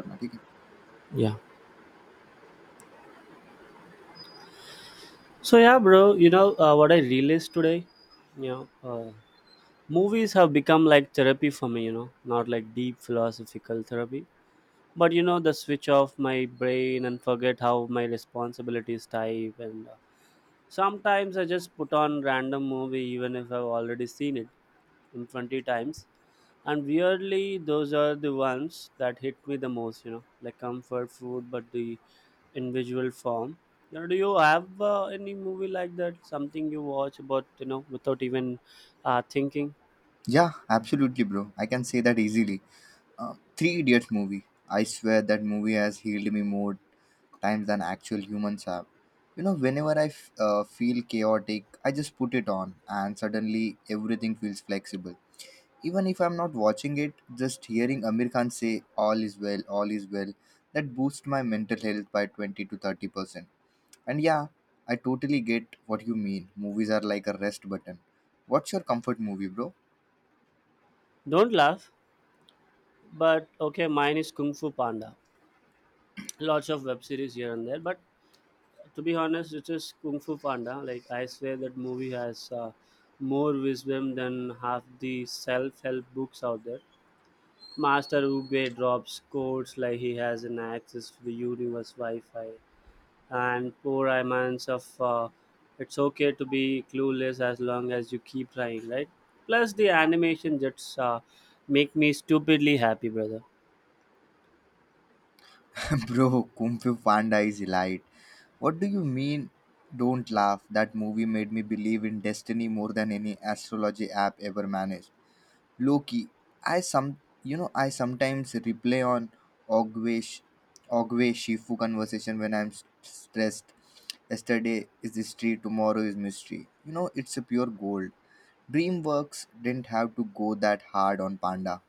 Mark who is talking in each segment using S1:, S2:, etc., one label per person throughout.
S1: करना ठीक है.
S2: Yeah. So yeah, bro. What I realized today? You know, uh, movies have become like therapy for me. You know, not like deep philosophical therapy, but you know, the switch off my brain and forget how my responsibilities type. And sometimes I just put on random movie even if I've already seen it in 20 times. And weirdly, those are the ones that hit me the most, you know, like comfort food, but the individual form. You know, do you have any movie like that, something you watch about, you know, without even thinking?
S1: Yeah, absolutely, bro. I can say that easily. uh, Three Idiots movie. I swear that movie has healed me more times than actual humans have. You know, whenever I feel chaotic, I just put it on, and suddenly everything feels flexible. Even if I'm not watching it, just hearing Amir Khan say, "All is well, all is well," that boosts my mental health by 20 to 30%. And yeah, I totally get what you mean. Movies are like a rest button. What's your comfort movie, bro?
S2: Don't laugh, but okay, mine is Kung Fu Panda. Lots of web series here and there, but to be honest, it is Kung Fu Panda. Like, I swear that movie has more wisdom than half the self-help books out there. Master Uguay drops codes like he has an access to the universe Wi-Fi, and poor Iman's of it's okay to be clueless as long as you keep trying, right? Plus the animation just make me stupidly happy, brother.
S1: Bro, Kung Fu Panda is light. What do you mean? Don't laugh. That movie made me believe in destiny more than any astrology app ever managed. Loki, I sometimes replay on Ogwe Sh- Ogwe Shifu conversation when I'm stressed. Yesterday is history, tomorrow is mystery. You know, it's a pure gold. DreamWorks didn't have to go that hard on Panda.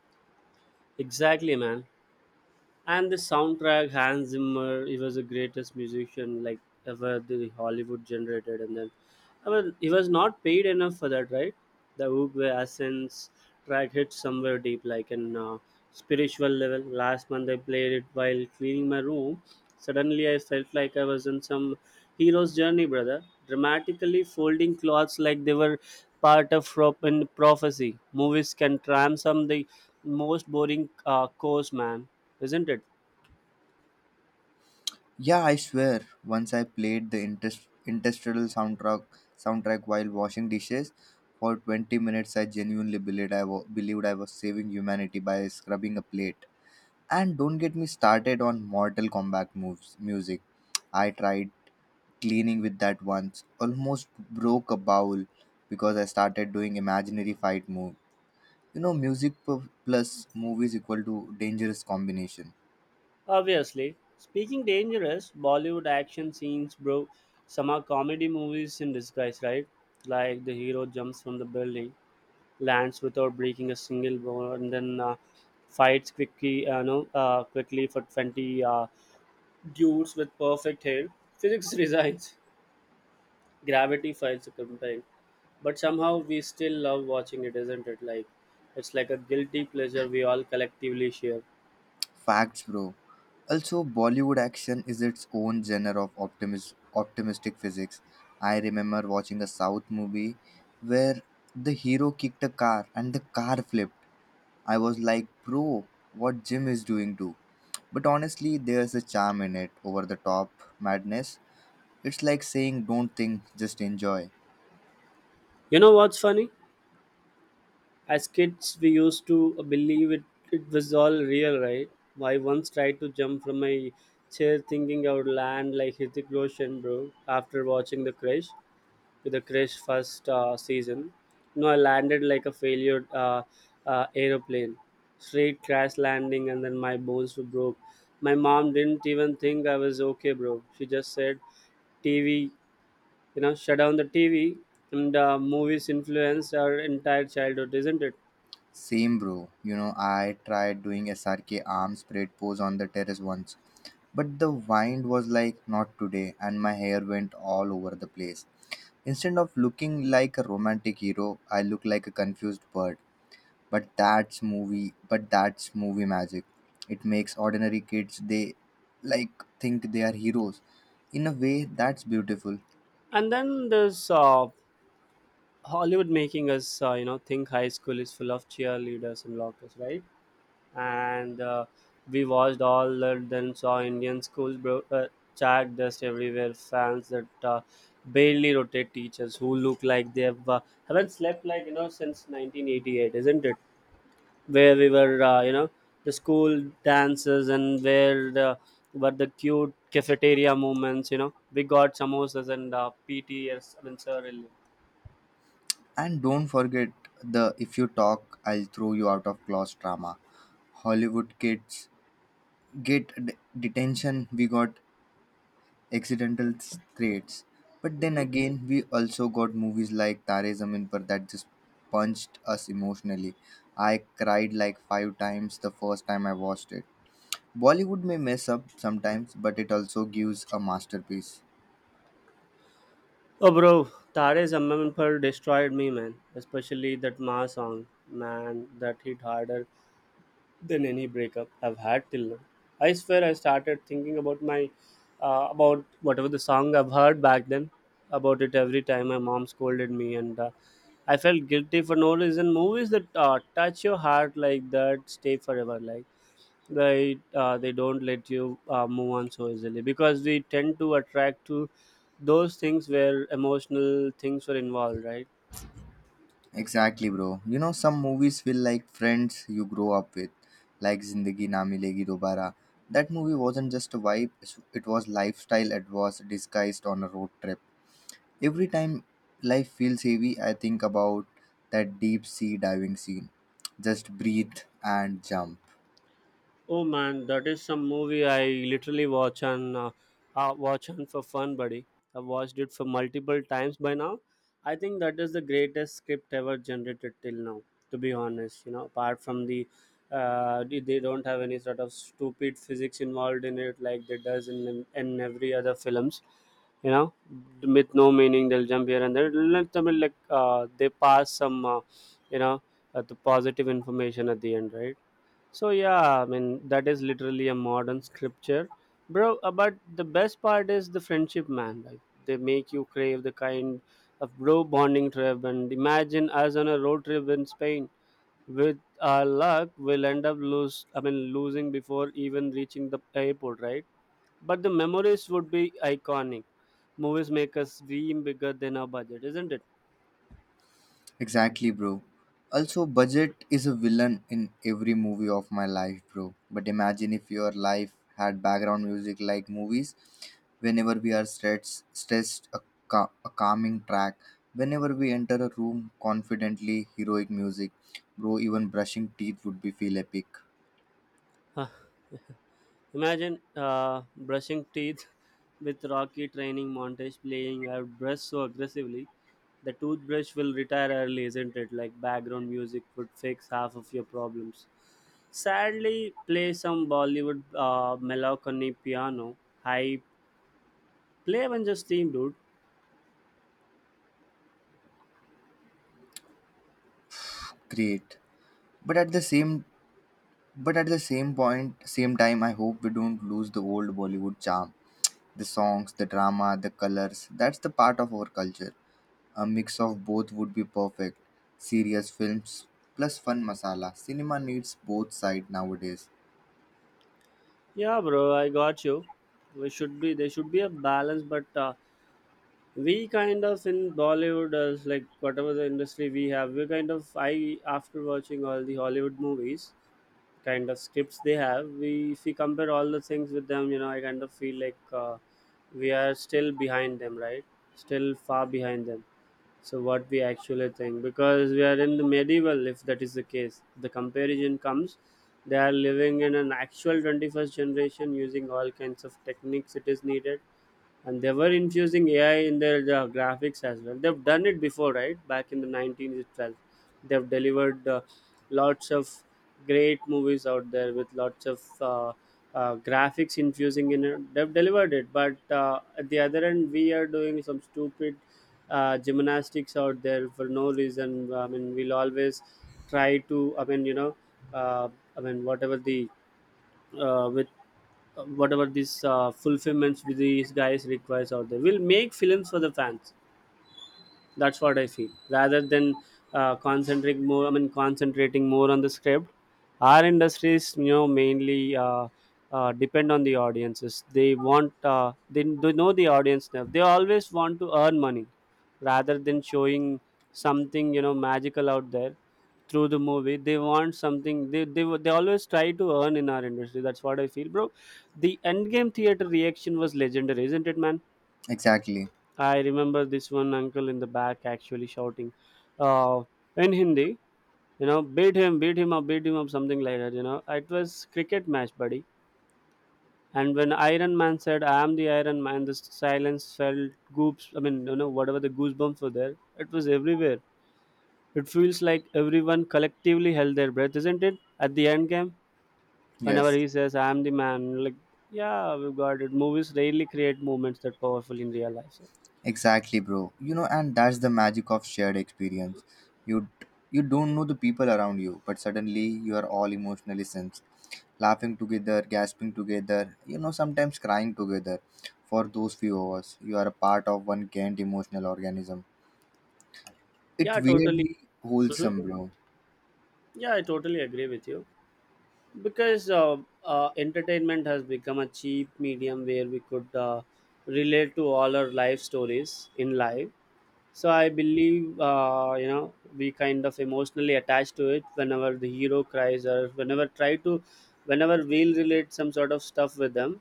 S2: Exactly, man. And the soundtrack, Hans Zimmer, he was the greatest musician like ever the Hollywood generated. And then, I mean, he was not paid enough for that, right? The Uwe Asens track hit somewhere deep, like in spiritual level. Last month I played it while cleaning my room. Suddenly I felt like I was in some hero's journey, brother, dramatically folding clothes like they were in prophecy. Movies can transform the most boring course, man, isn't it?
S1: Yeah, I swear. Once I played the industrial soundtrack while washing dishes for 20 minutes. I genuinely believed I was saving humanity by scrubbing a plate. And don't get me started on Mortal Kombat moves music. I tried cleaning with that once, almost broke a bowl because I started doing imaginary fight move. You know, plus movies equal to dangerous combination.
S2: Obviously. Speaking dangerous, Bollywood action scenes, bro. Some are comedy movies in disguise, right? Like the hero jumps from the building, lands without breaking a single bone, and then fights quickly, no, quickly for 20 dudes with perfect hair. Physics resigns. Gravity files a complaint. But somehow we still love watching it, isn't it? Like, it's like a guilty pleasure we all collectively share.
S1: Facts, bro. Also, Bollywood action is its own genre of optimistic physics. I remember watching a South movie where the hero kicked a car and the car flipped. I was like, bro, what Jim is doing too. But honestly, there's a charm in it, over the top madness. It's like saying, don't think, just enjoy.
S2: You know what's funny? As kids, we used to believe it, it was all real, right? I once tried to jump from my chair thinking I would land like Hrithik Roshan, bro, after watching the crash, with the crash first season. No, I landed like a failure aeroplane, straight crash landing, and then my bones were broke. My mom didn't even think I was okay, bro. She just said TV, you know, shut down the TV. And movies influenced our entire childhood, isn't it?
S1: Same, bro. You know, I tried doing SRK arm spread pose on the terrace once. But the wind was like, not today, and my hair went all over the place. Instead of looking like a romantic hero, I looked like a confused bird. But that's movie magic. It makes ordinary kids, they like think they are heroes. In a way, that's beautiful.
S2: And then there's Hollywood making us, you know, think high school is full of cheerleaders and lockers, right? And we watched all that, then saw Indian schools, chat dust everywhere, fans that barely rotate, teachers who look like they have, haven't slept like, you know, since 1988, isn't it? Where we were, you know, the school dances, and where the were the cute cafeteria moments, you know. We got samosas and PTS, I mean, sir.
S1: And don't forget the, if you talk, I'll throw you out of class drama. Hollywood kids get detention. We got accidental traits. But then
S2: Hmm.
S1: again, we also got movies like Tare Zameen Par that just punched us emotionally. I cried like five times the first time I watched it. Bollywood may mess up sometimes, but it also gives a masterpiece.
S2: Oh, bro, Tare's Ammanpal destroyed me, man. Especially that Ma song, man, that hit harder than any breakup I've had till now. I swear, I started thinking about my, about whatever the song I've heard back then, about it every time my mom scolded me, and I felt guilty for no reason. Movies that touch your heart like that stay forever. Like they don't let you move on so easily, because we tend to attract to those things where emotional things were involved, right?
S1: Exactly, bro. You know, some movies feel like friends you grow up with, like Zindagi Na Milegi Dobara. That movie wasn't just a vibe, it was lifestyle advice disguised on a road trip. Every time life feels heavy, I think about that deep sea diving scene. Just breathe and jump.
S2: Oh man, that is some movie I literally watch and for fun, buddy. I've watched it for multiple times by now. I think that is the greatest script ever generated till now. To be honest, you know, apart from the, they don't have any sort of stupid physics involved in it like they does in every other films. You know, with no meaning, they'll jump here and there. Let them like they pass some, you know, the positive information at the end, right? So yeah, I mean that is literally a modern scripture, bro. But the best part is the friendship, man. Like they make you crave the kind of bro bonding trip. And imagine us on a road trip in Spain. With our luck, we'll end up lose, I mean losing, before even reaching the airport, right? But the memories would be iconic. Movies make us dream bigger than our budget, isn't it?
S1: Exactly, bro. Also, budget is a villain in every movie of my life, bro. But imagine if your life had background music like movies. Whenever we are a calming track. Whenever we enter a room, confidently heroic music. Bro, even brushing teeth would be feel epic.
S2: Huh. Imagine brushing teeth with Rocky training montage playing. I would brush so aggressively. The toothbrush will retire early, isn't it? Like background music would fix half of your problems. Sadly, play some Bollywood melancholy piano. I play Avengers theme, dude.
S1: Great. But at the same But at the same point, same time, I hope we don't lose the old Bollywood charm. The songs, the drama, the colors, that's the part of our culture. A mix of both would be perfect. Serious films plus fun masala. Cinema needs both side nowadays.
S2: Yeah, bro, I got you. We should be there should be a balance, but we kind of in Bollywood, like whatever the industry we have, we kind of I after watching all the Hollywood movies, kind of scripts they have, we if we compare all the things with them, you know, I kind of feel like we are still behind them, right? Still far behind them. So what we actually think, because we are in the medieval, if that is the case, the comparison comes. They are living in an actual 21st generation using all kinds of techniques it is needed, and they were infusing AI in their graphics as well. They've done it before, right? Back in the 1912, they've delivered lots of great movies out there with lots of graphics infusing in it. They've delivered it, but at the other end, we are doing some stupid gymnastics out there for no reason. I mean, we'll always try to. I mean, you know, uh, I mean, whatever the with whatever these fulfillments with these guys requires out there. We'll make films for the fans. That's what I feel. Rather than concentrating more on the script, our industries, you know, mainly depend on the audiences. They want, they know the audience now. They always want to earn money, rather than showing something, you know, magical out there through the movie. They want something, they always try to earn in our industry. That's what I feel, bro. The endgame theater reaction was legendary, isn't it, man?
S1: Exactly.
S2: I remember this one uncle in the back actually shouting uh, in Hindi, you know, beat him up, something like that, you know. It was cricket match, buddy. And when Iron Man said, I am the Iron Man, the silence felt goops, I mean, you know, whatever the goosebumps were there, it was everywhere. It feels like everyone collectively held their breath, isn't it? At the end game, whenever
S1: Yes.
S2: he says, I am the man, like, yeah, we've got it. Movies rarely create moments that powerful in real life. So,
S1: Exactly, bro. You know, and that's the magic of shared experience. You you don't know the people around you, but suddenly you are all emotionally sensed, laughing together, gasping together. You know, sometimes crying together. For those few hours, you are a part of one giant emotional organism. It
S2: yeah, totally.
S1: weirdly
S2: Mhm.
S1: wholesome, bro.
S2: Yeah, I totally agree with you because entertainment has become a cheap medium where we could relate to all our life stories in life. So I believe you know, we kind of emotionally attached to it whenever the hero cries or whenever try to, whenever we'll relate some sort of stuff with them,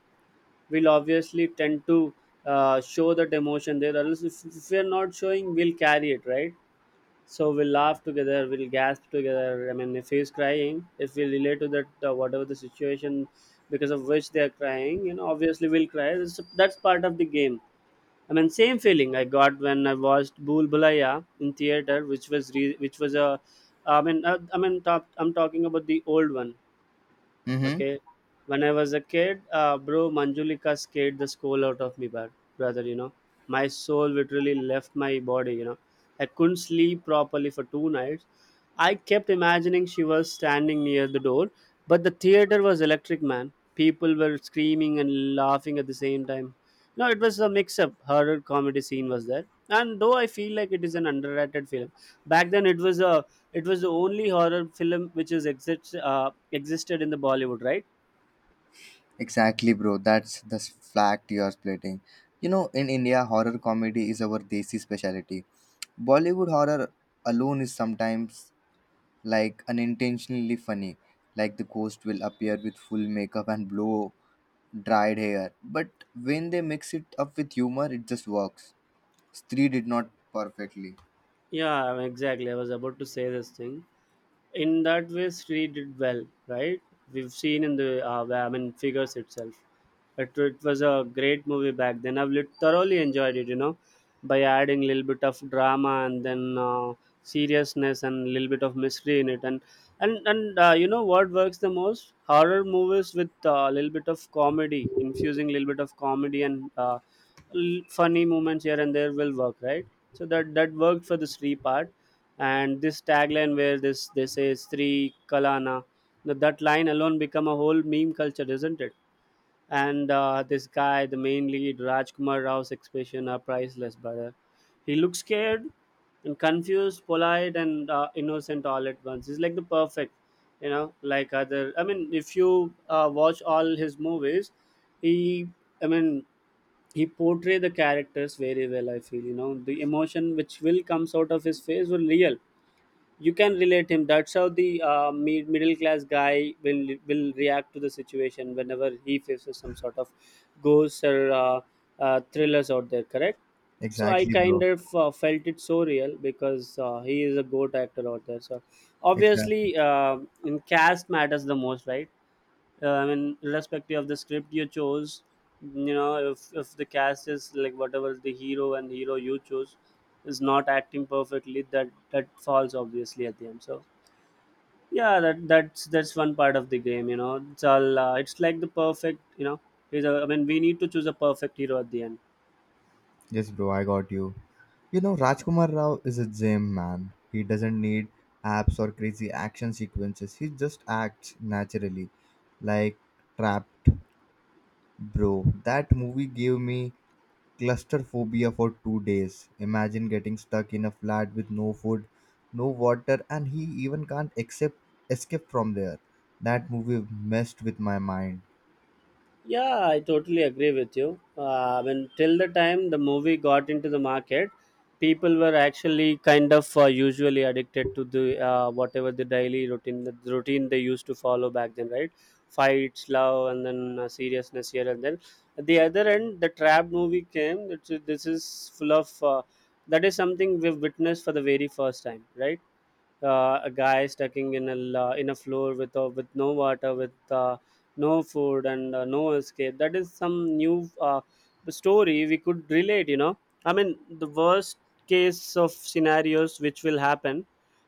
S2: we'll obviously tend to show that emotion there. Or else, if we're not showing, we'll carry it, right? So we'll laugh together, we'll gasp together. I mean, if he's crying, if we relate to that, whatever the situation because of which they are crying, you know, obviously we'll cry. That's part of the game. I mean, same feeling I got when I watched Bhool Bhulaiya in theater, which which was a, I mean, top, I'm talking about the old one.
S1: Mm-hmm.
S2: Okay, when I was a kid, bro, Manjulika scared the soul out of me, bad brother. You know, my soul literally left my body. You know, I couldn't sleep properly for 2 nights. I kept imagining she was standing near the door, but the theater was electric, man. People were screaming and laughing at the same time. No, it was a mix-up. Horror comedy scene was there, and though I feel like it is an underrated film, back then it was a, it was the only horror film which is exists existed in the Bollywood, right?
S1: Exactly, bro. Fact you are splitting. You know, in India, horror comedy is our desi specialty. Bollywood horror alone is sometimes like unintentionally funny. Like the ghost will appear with full makeup and blow dried hair. But when they mix it up with humor, it just works. Stree did not perfectly.
S2: Yeah, exactly. I was about to say this thing. In that way, Sri did well, right? We've seen in the figures itself it was a great movie back then. I've thoroughly enjoyed it by adding a little bit of drama and then seriousness and a little bit of mystery in it. And you know what works the most? Horror movies with a little bit of comedy, infusing a little bit of comedy and funny moments here and there will work, right? So that worked for the Sri part. And this tagline where this, they say Sri Kalana, now that line alone become a whole meme culture, isn't it? And this guy, the main lead, Rajkumar Rao's expression are priceless, brother. He looks scared and confused, polite and innocent all at once. He's like the perfect, you know, like other. I mean, if you watch all his movies, he, I mean, he portray the characters very well, I feel. You know, the emotion which will comes out of his face were real. You can relate him. That's how the middle class guy will react to the situation whenever he faces some sort of ghosts or thrillers out there, correct? So I
S1: Exactly,
S2: kind
S1: bro.
S2: of felt it so real because he is a goat actor out there. So obviously,
S1: Exactly.
S2: in cast matters the most, right? I mean, irrespective of the script you chose, you know, if the cast is like whatever the hero and hero you chose is not acting perfectly, that falls obviously at the end. So yeah, that's one part of the game. You know, it's all it's like the perfect. You know, is a, I mean, we need to choose a perfect hero at the end.
S1: Yes, bro, I got you. You know, Rajkumar Rao is a gem, man. He doesn't need apps or crazy action sequences. He just acts naturally. Like Trapped, bro. That movie gave me cluster phobia for 2 days. Imagine getting stuck in a flat with no food, no water, and he even can't accept, escape from there. That movie messed with my mind.
S2: Yeah, I totally agree with you. When till the time the movie got into the market, people were actually kind of usually addicted to the whatever the daily routine, the routine they used to follow back then, right? Fights, love, and then seriousness here and then. At the other end, the trap movie came. It's, this is full of that is something we've witnessed for the very first time, right? A guy stuck in a in a floor with no water, with uh, no food, and no escape. That is some new story we could relate, you know. I mean, the worst case of scenarios which will happen,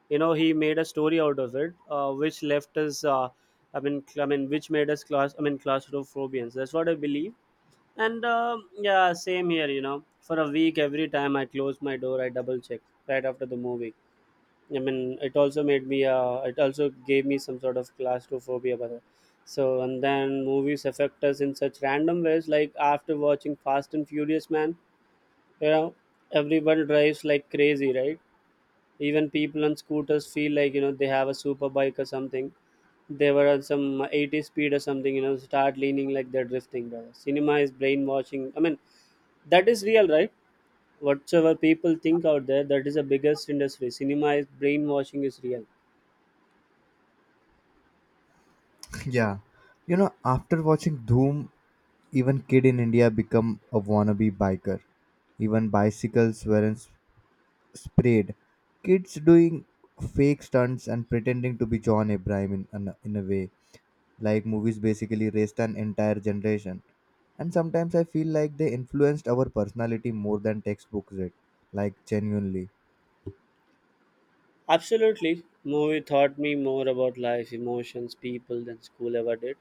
S2: you know. He made a story out of it, which left us I mean I mean which made us class, I mean, claustrophobians. That's what I believe. And yeah, same here. You know, for a week, every time I close my door, I double check, right after the movie. I mean, it also made me. It also gave me some sort of claustrophobia. But so and then movies affect us in such random ways. Like after watching Fast and Furious, man, you know, everyone drives like crazy, right? Even people on scooters feel like, you know, they have a super bike or something. They were on some 80 speed or something, you know, start leaning like they're drifting. Brother. Cinema is brainwashing. I mean, that is real, right? Whatsoever people think out there, that is the biggest industry. Cinema is brainwashing is real.
S1: Yeah. You know, after watching Doom, even kid in India become a wannabe biker. Even bicycles weren't s- sprayed. Kids doing fake stunts and pretending to be John Abraham in a way. Like movies basically raised an entire generation. And sometimes I feel like they influenced our personality more than textbooks did. Like genuinely.
S2: Absolutely. Movie taught me more about life, emotions, people than school ever did.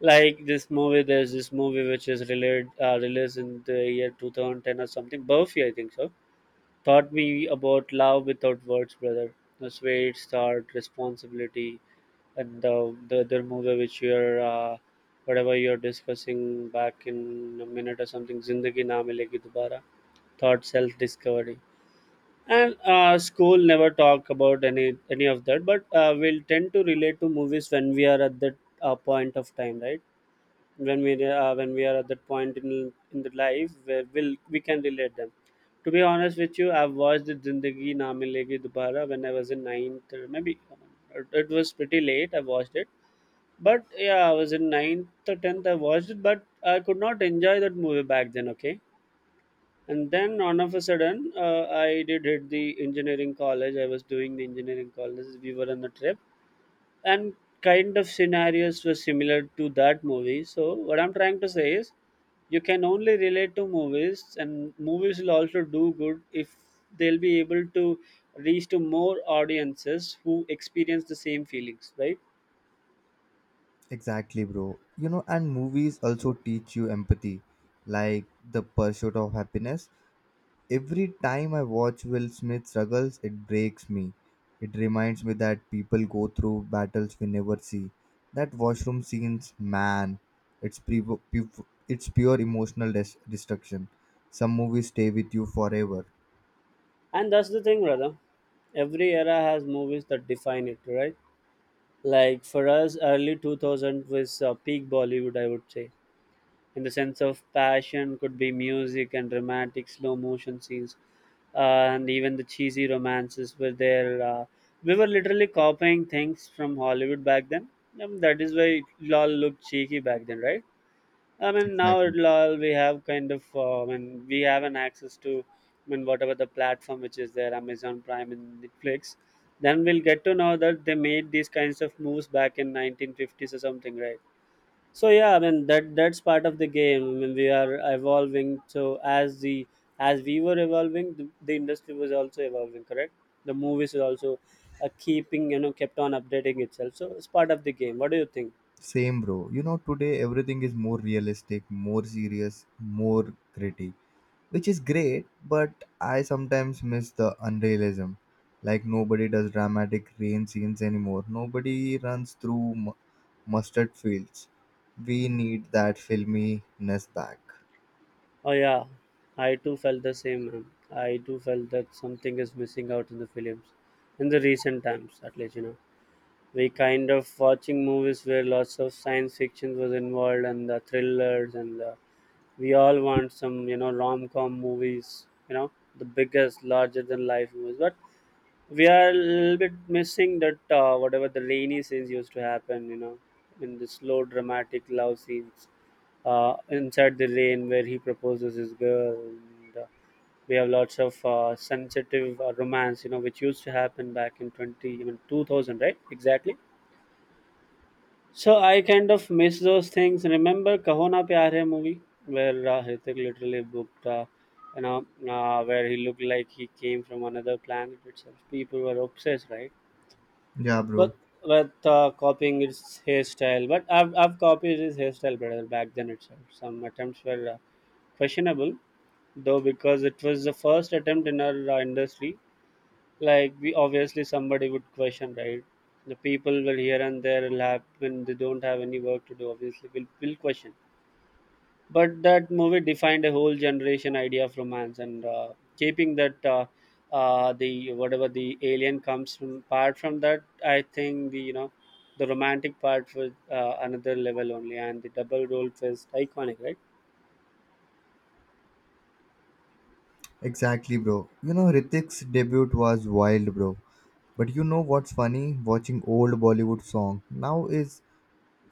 S2: Like this movie, there's this movie which is related, released in the year 2010 or something. Buffy, I think so. Taught me about love without words, brother. That's where it started, responsibility, and the other movie which you're, whatever you're discussing back in a minute or something, Zindagi Na Milegi Dobara. Taught self discovery, and school never talk about any of that. But we'll tend to relate to movies when we are at that point of time, right? When we when we are at that point in the life where we'll, we can relate them. To be honest with you, I've watched the Zindagi Na Milegi Dobara when I was in ninth or maybe, it was pretty late I watched it. But yeah, I was in ninth or 10th I watched it. But I could not enjoy that movie back then. Okay, and then all of a sudden, I did hit the engineering college, I was doing the engineering college, we were on a trip. And kind of scenarios were similar to that movie. So what I'm trying to say is, you can only relate to movies, and movies will also do good if they'll be able to reach to more audiences who experience the same feelings, right?
S1: Exactly, bro. You know, and movies also teach you empathy, like the Pursuit of Happiness. Every time I watch Will Smith struggles, it breaks me. It reminds me that people go through battles we never see. That washroom scenes, man, it's, pre- pu- it's pure emotional destruction. Some movies stay with you forever.
S2: And that's the thing, brother. Every era has movies that define it, right? Like for us, early 2000 was peak Bollywood, I would say, in the sense of passion could be music and dramatic slow motion scenes, and even the cheesy romances were there. We were literally copying things from Hollywood back then. That is why it all looked cheeky back then, right? I mean, now
S1: Exactly.
S2: at all we have kind of, I mean, we have an access to, I mean, whatever the platform which is there, Amazon Prime and Netflix. Then we'll get to know that they made these kinds of moves back in 1950s or something, right? So yeah, I mean that's part of the game. I mean we are evolving. So as the as we were evolving, the industry was also evolving. Correct. The movies is also keeping, you know, kept on updating itself. So it's part of the game. What do you think?
S1: Same, bro. You know, today everything is more realistic, more serious, more gritty, which is great. But I sometimes miss the unrealism. Like nobody does dramatic rain scenes anymore, nobody runs through mustard fields. We need that filminess back.
S2: Oh yeah, I too felt the same, man. I too felt that something is missing out in the films, in the recent times, at least, you know. We kind of watching movies where lots of science fiction was involved and the thrillers and the, we all want some, you know, rom com movies, you know, the biggest, larger than life movies. But we are a little bit missing that whatever the Lainey scenes used to happen, you know, in the slow dramatic love scenes inside the rain where he proposes his girl. And, we have lots of sensitive romance, you know, which used to happen back in 20, even 2000, right? Exactly. So I kind of miss those things. Remember Kahona Pyar Hai movie where Hrithik literally booked, you know, where he looked like he came from another planet itself. People were obsessed, right?
S1: Yeah, bro.
S2: But with copying its hairstyle. But I've copied his hairstyle better back then itself. Some attempts were questionable, though, because it was the first attempt in our industry. Like we obviously somebody would question, right? The people will here and there will have when they don't have any work to do. Obviously, will question. But that movie defined a whole generation idea of romance, and keeping that the whatever the alien comes from part from that, I think the, you know, the romantic part was another level only. And the double role was iconic, right?
S1: Exactly, bro. You know, Ritik's debut was wild, bro. But you know what's funny, watching old Bollywood song now is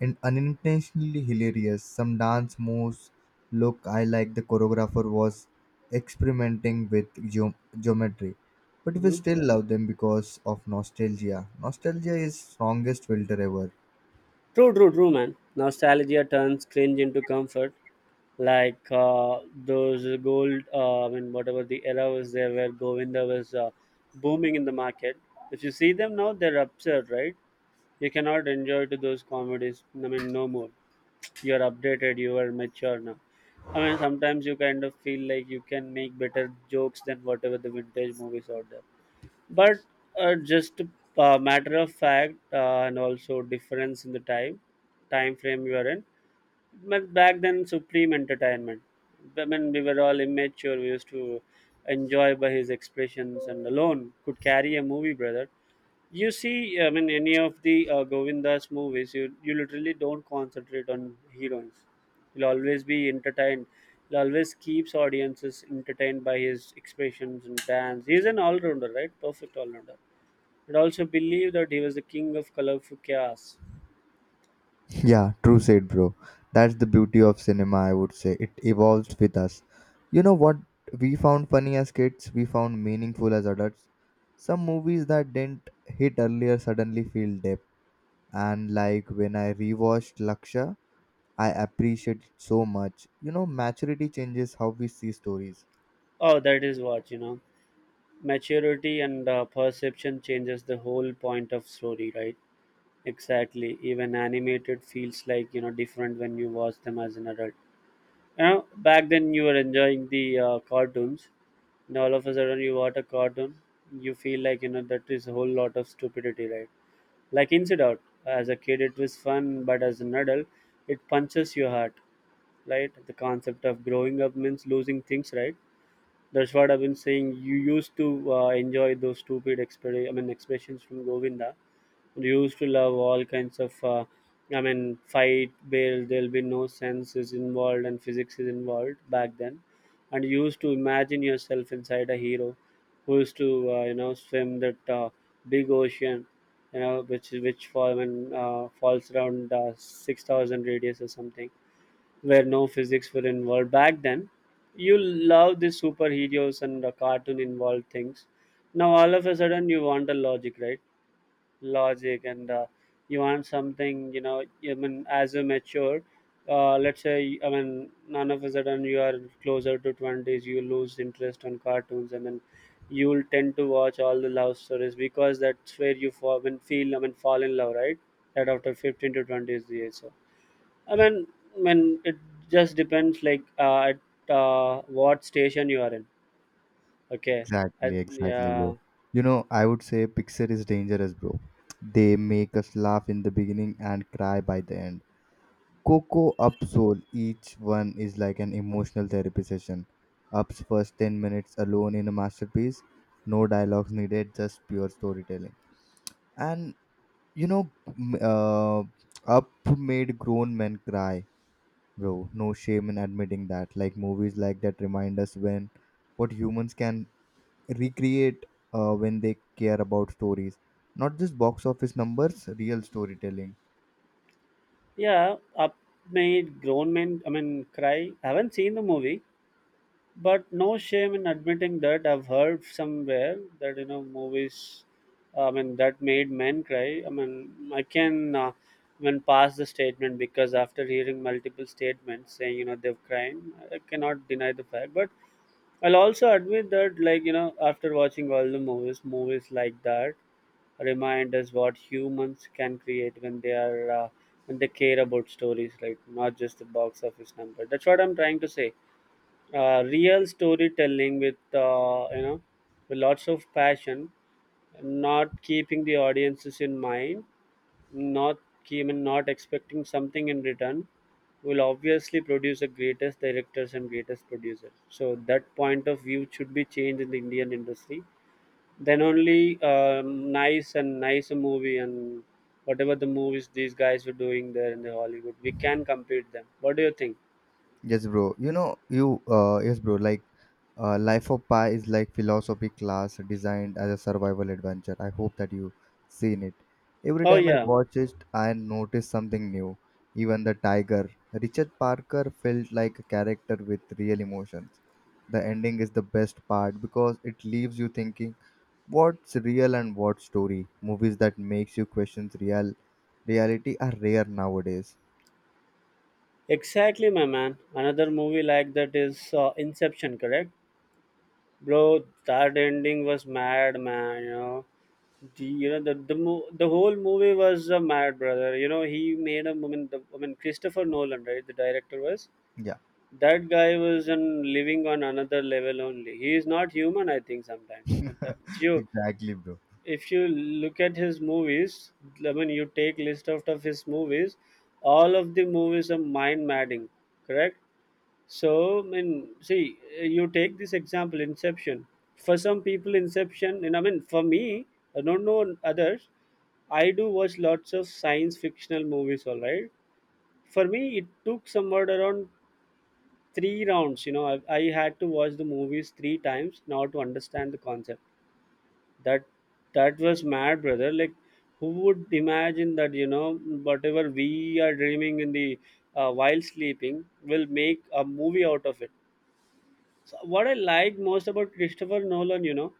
S1: and unintentionally hilarious. Some dance moves look, I like the choreographer was experimenting with geometry, but we
S2: Hmm.
S1: still love them because of nostalgia. Nostalgia is strongest filter ever.
S2: True, true, true, man. Nostalgia turns cringe into comfort. Like those gold I mean whatever the era was there where Govinda was booming in the market, if you see them now, they're absurd, right? You cannot enjoy to those comedies. I mean, no more. You are updated. You are mature now. I mean, sometimes you kind of feel like you can make better jokes than whatever the vintage movies out there. But just a matter of fact, and also difference in the time, time frame you are in. But back then, supreme entertainment. I mean, we were all immature. We used to enjoy by his expressions, and alone could carry a movie, brother. You see, I mean, any of the Govinda's movies, you literally don't concentrate on heroines. He'll always be entertained. He always keeps audiences entertained by his expressions and dance. He's an all-rounder, right? Perfect all-rounder. But also believe that he was the king of colorful chaos.
S1: Yeah, true said, bro. That's the beauty of cinema, I would say. It evolves with us. You know what we found funny as kids, we found meaningful as adults. Some movies that didn't hit earlier suddenly feel depth. And like when I rewatched Laksha, I appreciate it so much. You know, maturity changes how we see stories.
S2: Oh, that is what, you know. Maturity and perception changes the whole point of story, right? Exactly. Even animated feels like, you know, different when you watch them as an adult. You know, back then you were enjoying the cartoons, and all of a sudden you watch a cartoon, you feel like, you know, that is a whole lot of stupidity, right? Like Inside Out, as a kid it was fun, but as an adult, it punches your heart, right? The concept of growing up means losing things, right? That's what I've been saying. You used to enjoy those stupid I mean, expressions from Govinda. We used to love all kinds of I mean fight bail, there'll be no sense is involved and physics is involved back then, and you used to imagine yourself inside a hero who used to you know, swim that big ocean, you know, which fall when, falls around 6,000 radius or something, where no physics were involved back then. You love the superheroes and the cartoon involved things. Now all of a sudden you want a logic, right? Logic and, you want something, you know, I mean, as you mature. Uh, let's say, I mean, none of a sudden you are closer to 20s, you lose interest on cartoons, and then you'll tend to watch all the love stories, because that's where you fall, I mean, feel, I mean, fall in love, right? That after 15 to 20 is the age. So, I mean, it just depends, like, at what station you are in. Okay.
S1: Exactly, exactly, bro.
S2: Yeah.
S1: You know, I would say Pixar is dangerous, bro. They make us laugh in the beginning and cry by the end. Coco Upsol, each one is like an emotional therapy session. Up's first 10 minutes alone in a masterpiece, no dialogues needed, just pure storytelling. And you know, Up made grown men cry, bro. No shame in admitting that. Like movies like that remind us when what humans can recreate when they care about stories, not just box office numbers, real storytelling.
S2: Yeah, Up made grown men, I mean, cry. I haven't seen the movie, but no shame in admitting that. I've heard somewhere that, you know, movies, I mean, that made men cry. I mean, I can, I mean, pass the statement, because after hearing multiple statements saying, you know, they've cried, I cannot deny the fact. But I'll also admit that, like, you know, after watching all the movies, movies like that remind us what humans can create when they care about stories, like, not just the box office number. That's what I'm trying to say. Real storytelling with, lots of passion, not keeping the audiences in mind, not even, not expecting something in return, will obviously produce the greatest directors and greatest producers. So that point of view should be changed in the Indian industry. Then only nice and nice movie, and whatever the movies these guys were doing there in the Hollywood, we can compete them. What do you think?
S1: Yes, bro. You know, you Yes, bro. Like, Life of Pi is like philosophy class designed as a survival adventure. I hope that you seen it. Every
S2: Oh
S1: time I
S2: yeah,
S1: watch it, I notice something new. Even the tiger, Richard Parker, felt like a character with real emotions. The ending is the best part because it leaves you thinking what's real and what story. Movies that makes you question real reality are rare nowadays.
S2: exactly, my man. Another movie like that is, Inception, correct? Bro, that ending was mad, man. The you know the, mo- the whole movie was a mad, brother. You know, he made a woman. The I mean Christopher Nolan, right? The director, was
S1: Yeah,
S2: that guy was in living on another level only. He is not human. I think sometimes, you know, you
S1: exactly, bro.
S2: if you look at his movies, I mean, you take list out of his movies, all of the movies are mind madding, correct? So, I mean, see, you take this example, Inception. For some people, Inception, and I mean, for me, I don't know on others, I do watch lots of science fictional movies, all right? For me, it took somewhat around three rounds, you know, I had to watch the movies three times in order to understand the concept. That that was mad, brother. Like, who would imagine that, you know, whatever we are dreaming in the while sleeping will make a movie out of it? So what I like most about Christopher Nolan, you know,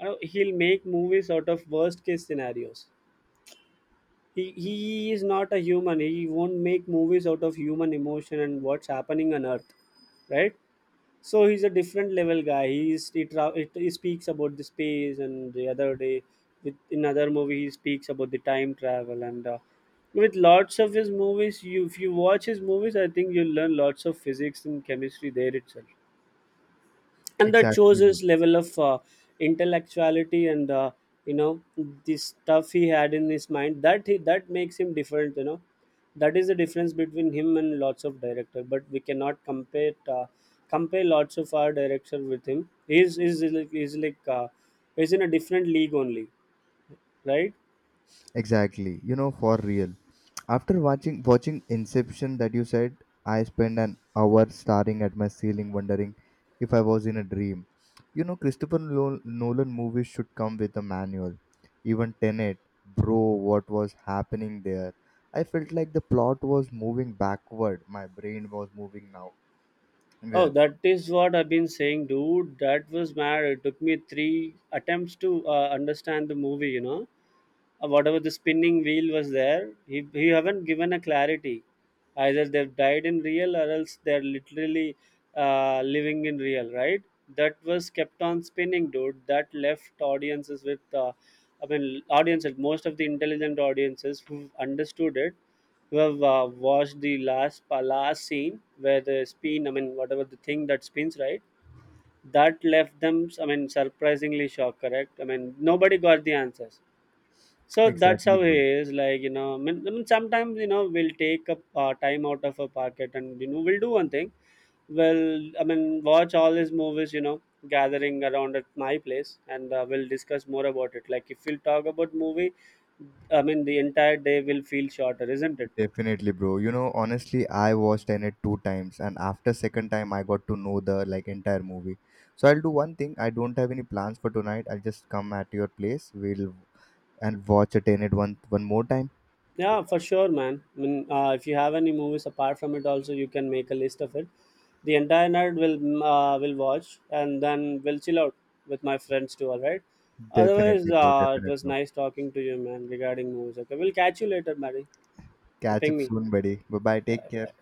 S2: he'll make movies out of worst case scenarios. He is not a human. He won't make movies out of human emotion and what's happening on Earth, right? So he's a different level guy. He's he, tra- he speaks about the space, and the other day, with in other movie, he speaks about the time travel. And. With lots of his movies, you if you watch his movies, I think you'll learn lots of physics and chemistry there itself. And that shows
S1: Exactly, bro.
S2: his level of intellectuality and, you know, the stuff he had in his mind that makes him different. That is the difference between him and lots of director, but we cannot compare lots of our director with him. He's is is like he's like uh, he's in a different league only, right?
S1: Exactly. You know, for real. After watching Inception that you said, I spent an hour staring at my ceiling, wondering if I was in a dream. You know, Christopher Nolan movies should come with a manual. Even Tenet, bro, what was happening there? I felt like the plot was moving backward. My brain was moving now.
S2: Oh,
S1: Yeah,
S2: that is what I've been saying, dude. That was mad. It took me three attempts to understand the movie. Whatever the spinning wheel was there, he haven't given a clarity. Either they've died in real, or else they're literally, living in real, right? That was kept on spinning, dude. That left audiences with, I mean, audiences, most of the intelligent audiences who understood it, who have watched the last scene where the spin, I mean, whatever the thing that spins, right? That left them, I mean, surprisingly shocked, correct? I mean, nobody got the answers. So that's
S1: exactly,
S2: how it
S1: bro.
S2: is. Like, you know, I mean, sometimes, you know, we'll take a time out of a pocket, and you know, we'll do one thing. We'll I mean, watch all these movies. You know, gathering around at my place, and we'll discuss more about it. Like, if we'll talk about movie, I mean, the entire day will feel shorter, isn't it?
S1: Definitely, bro. You know, honestly, I watched Tenet two times, and after second time, I got to know the like entire movie. So I'll do one thing. I don't have any plans for tonight. I'll just come at your place. We'll and watch a Tenet one more time.
S2: Yeah, for sure, man. I mean, if you have any movies apart from it, also you can make a list of it. The entire night will watch, and then we'll chill out with my friends too. All right. Otherwise,
S1: Definitely, bro.
S2: it
S1: Definitely,
S2: was
S1: bro.
S2: nice talking to you, man, regarding movies. Okay, we'll catch you later, Mary.
S1: Catch
S2: Ping
S1: up
S2: me.
S1: soon, buddy. Bye bye.
S2: Yeah.
S1: Take care.
S2: Yeah.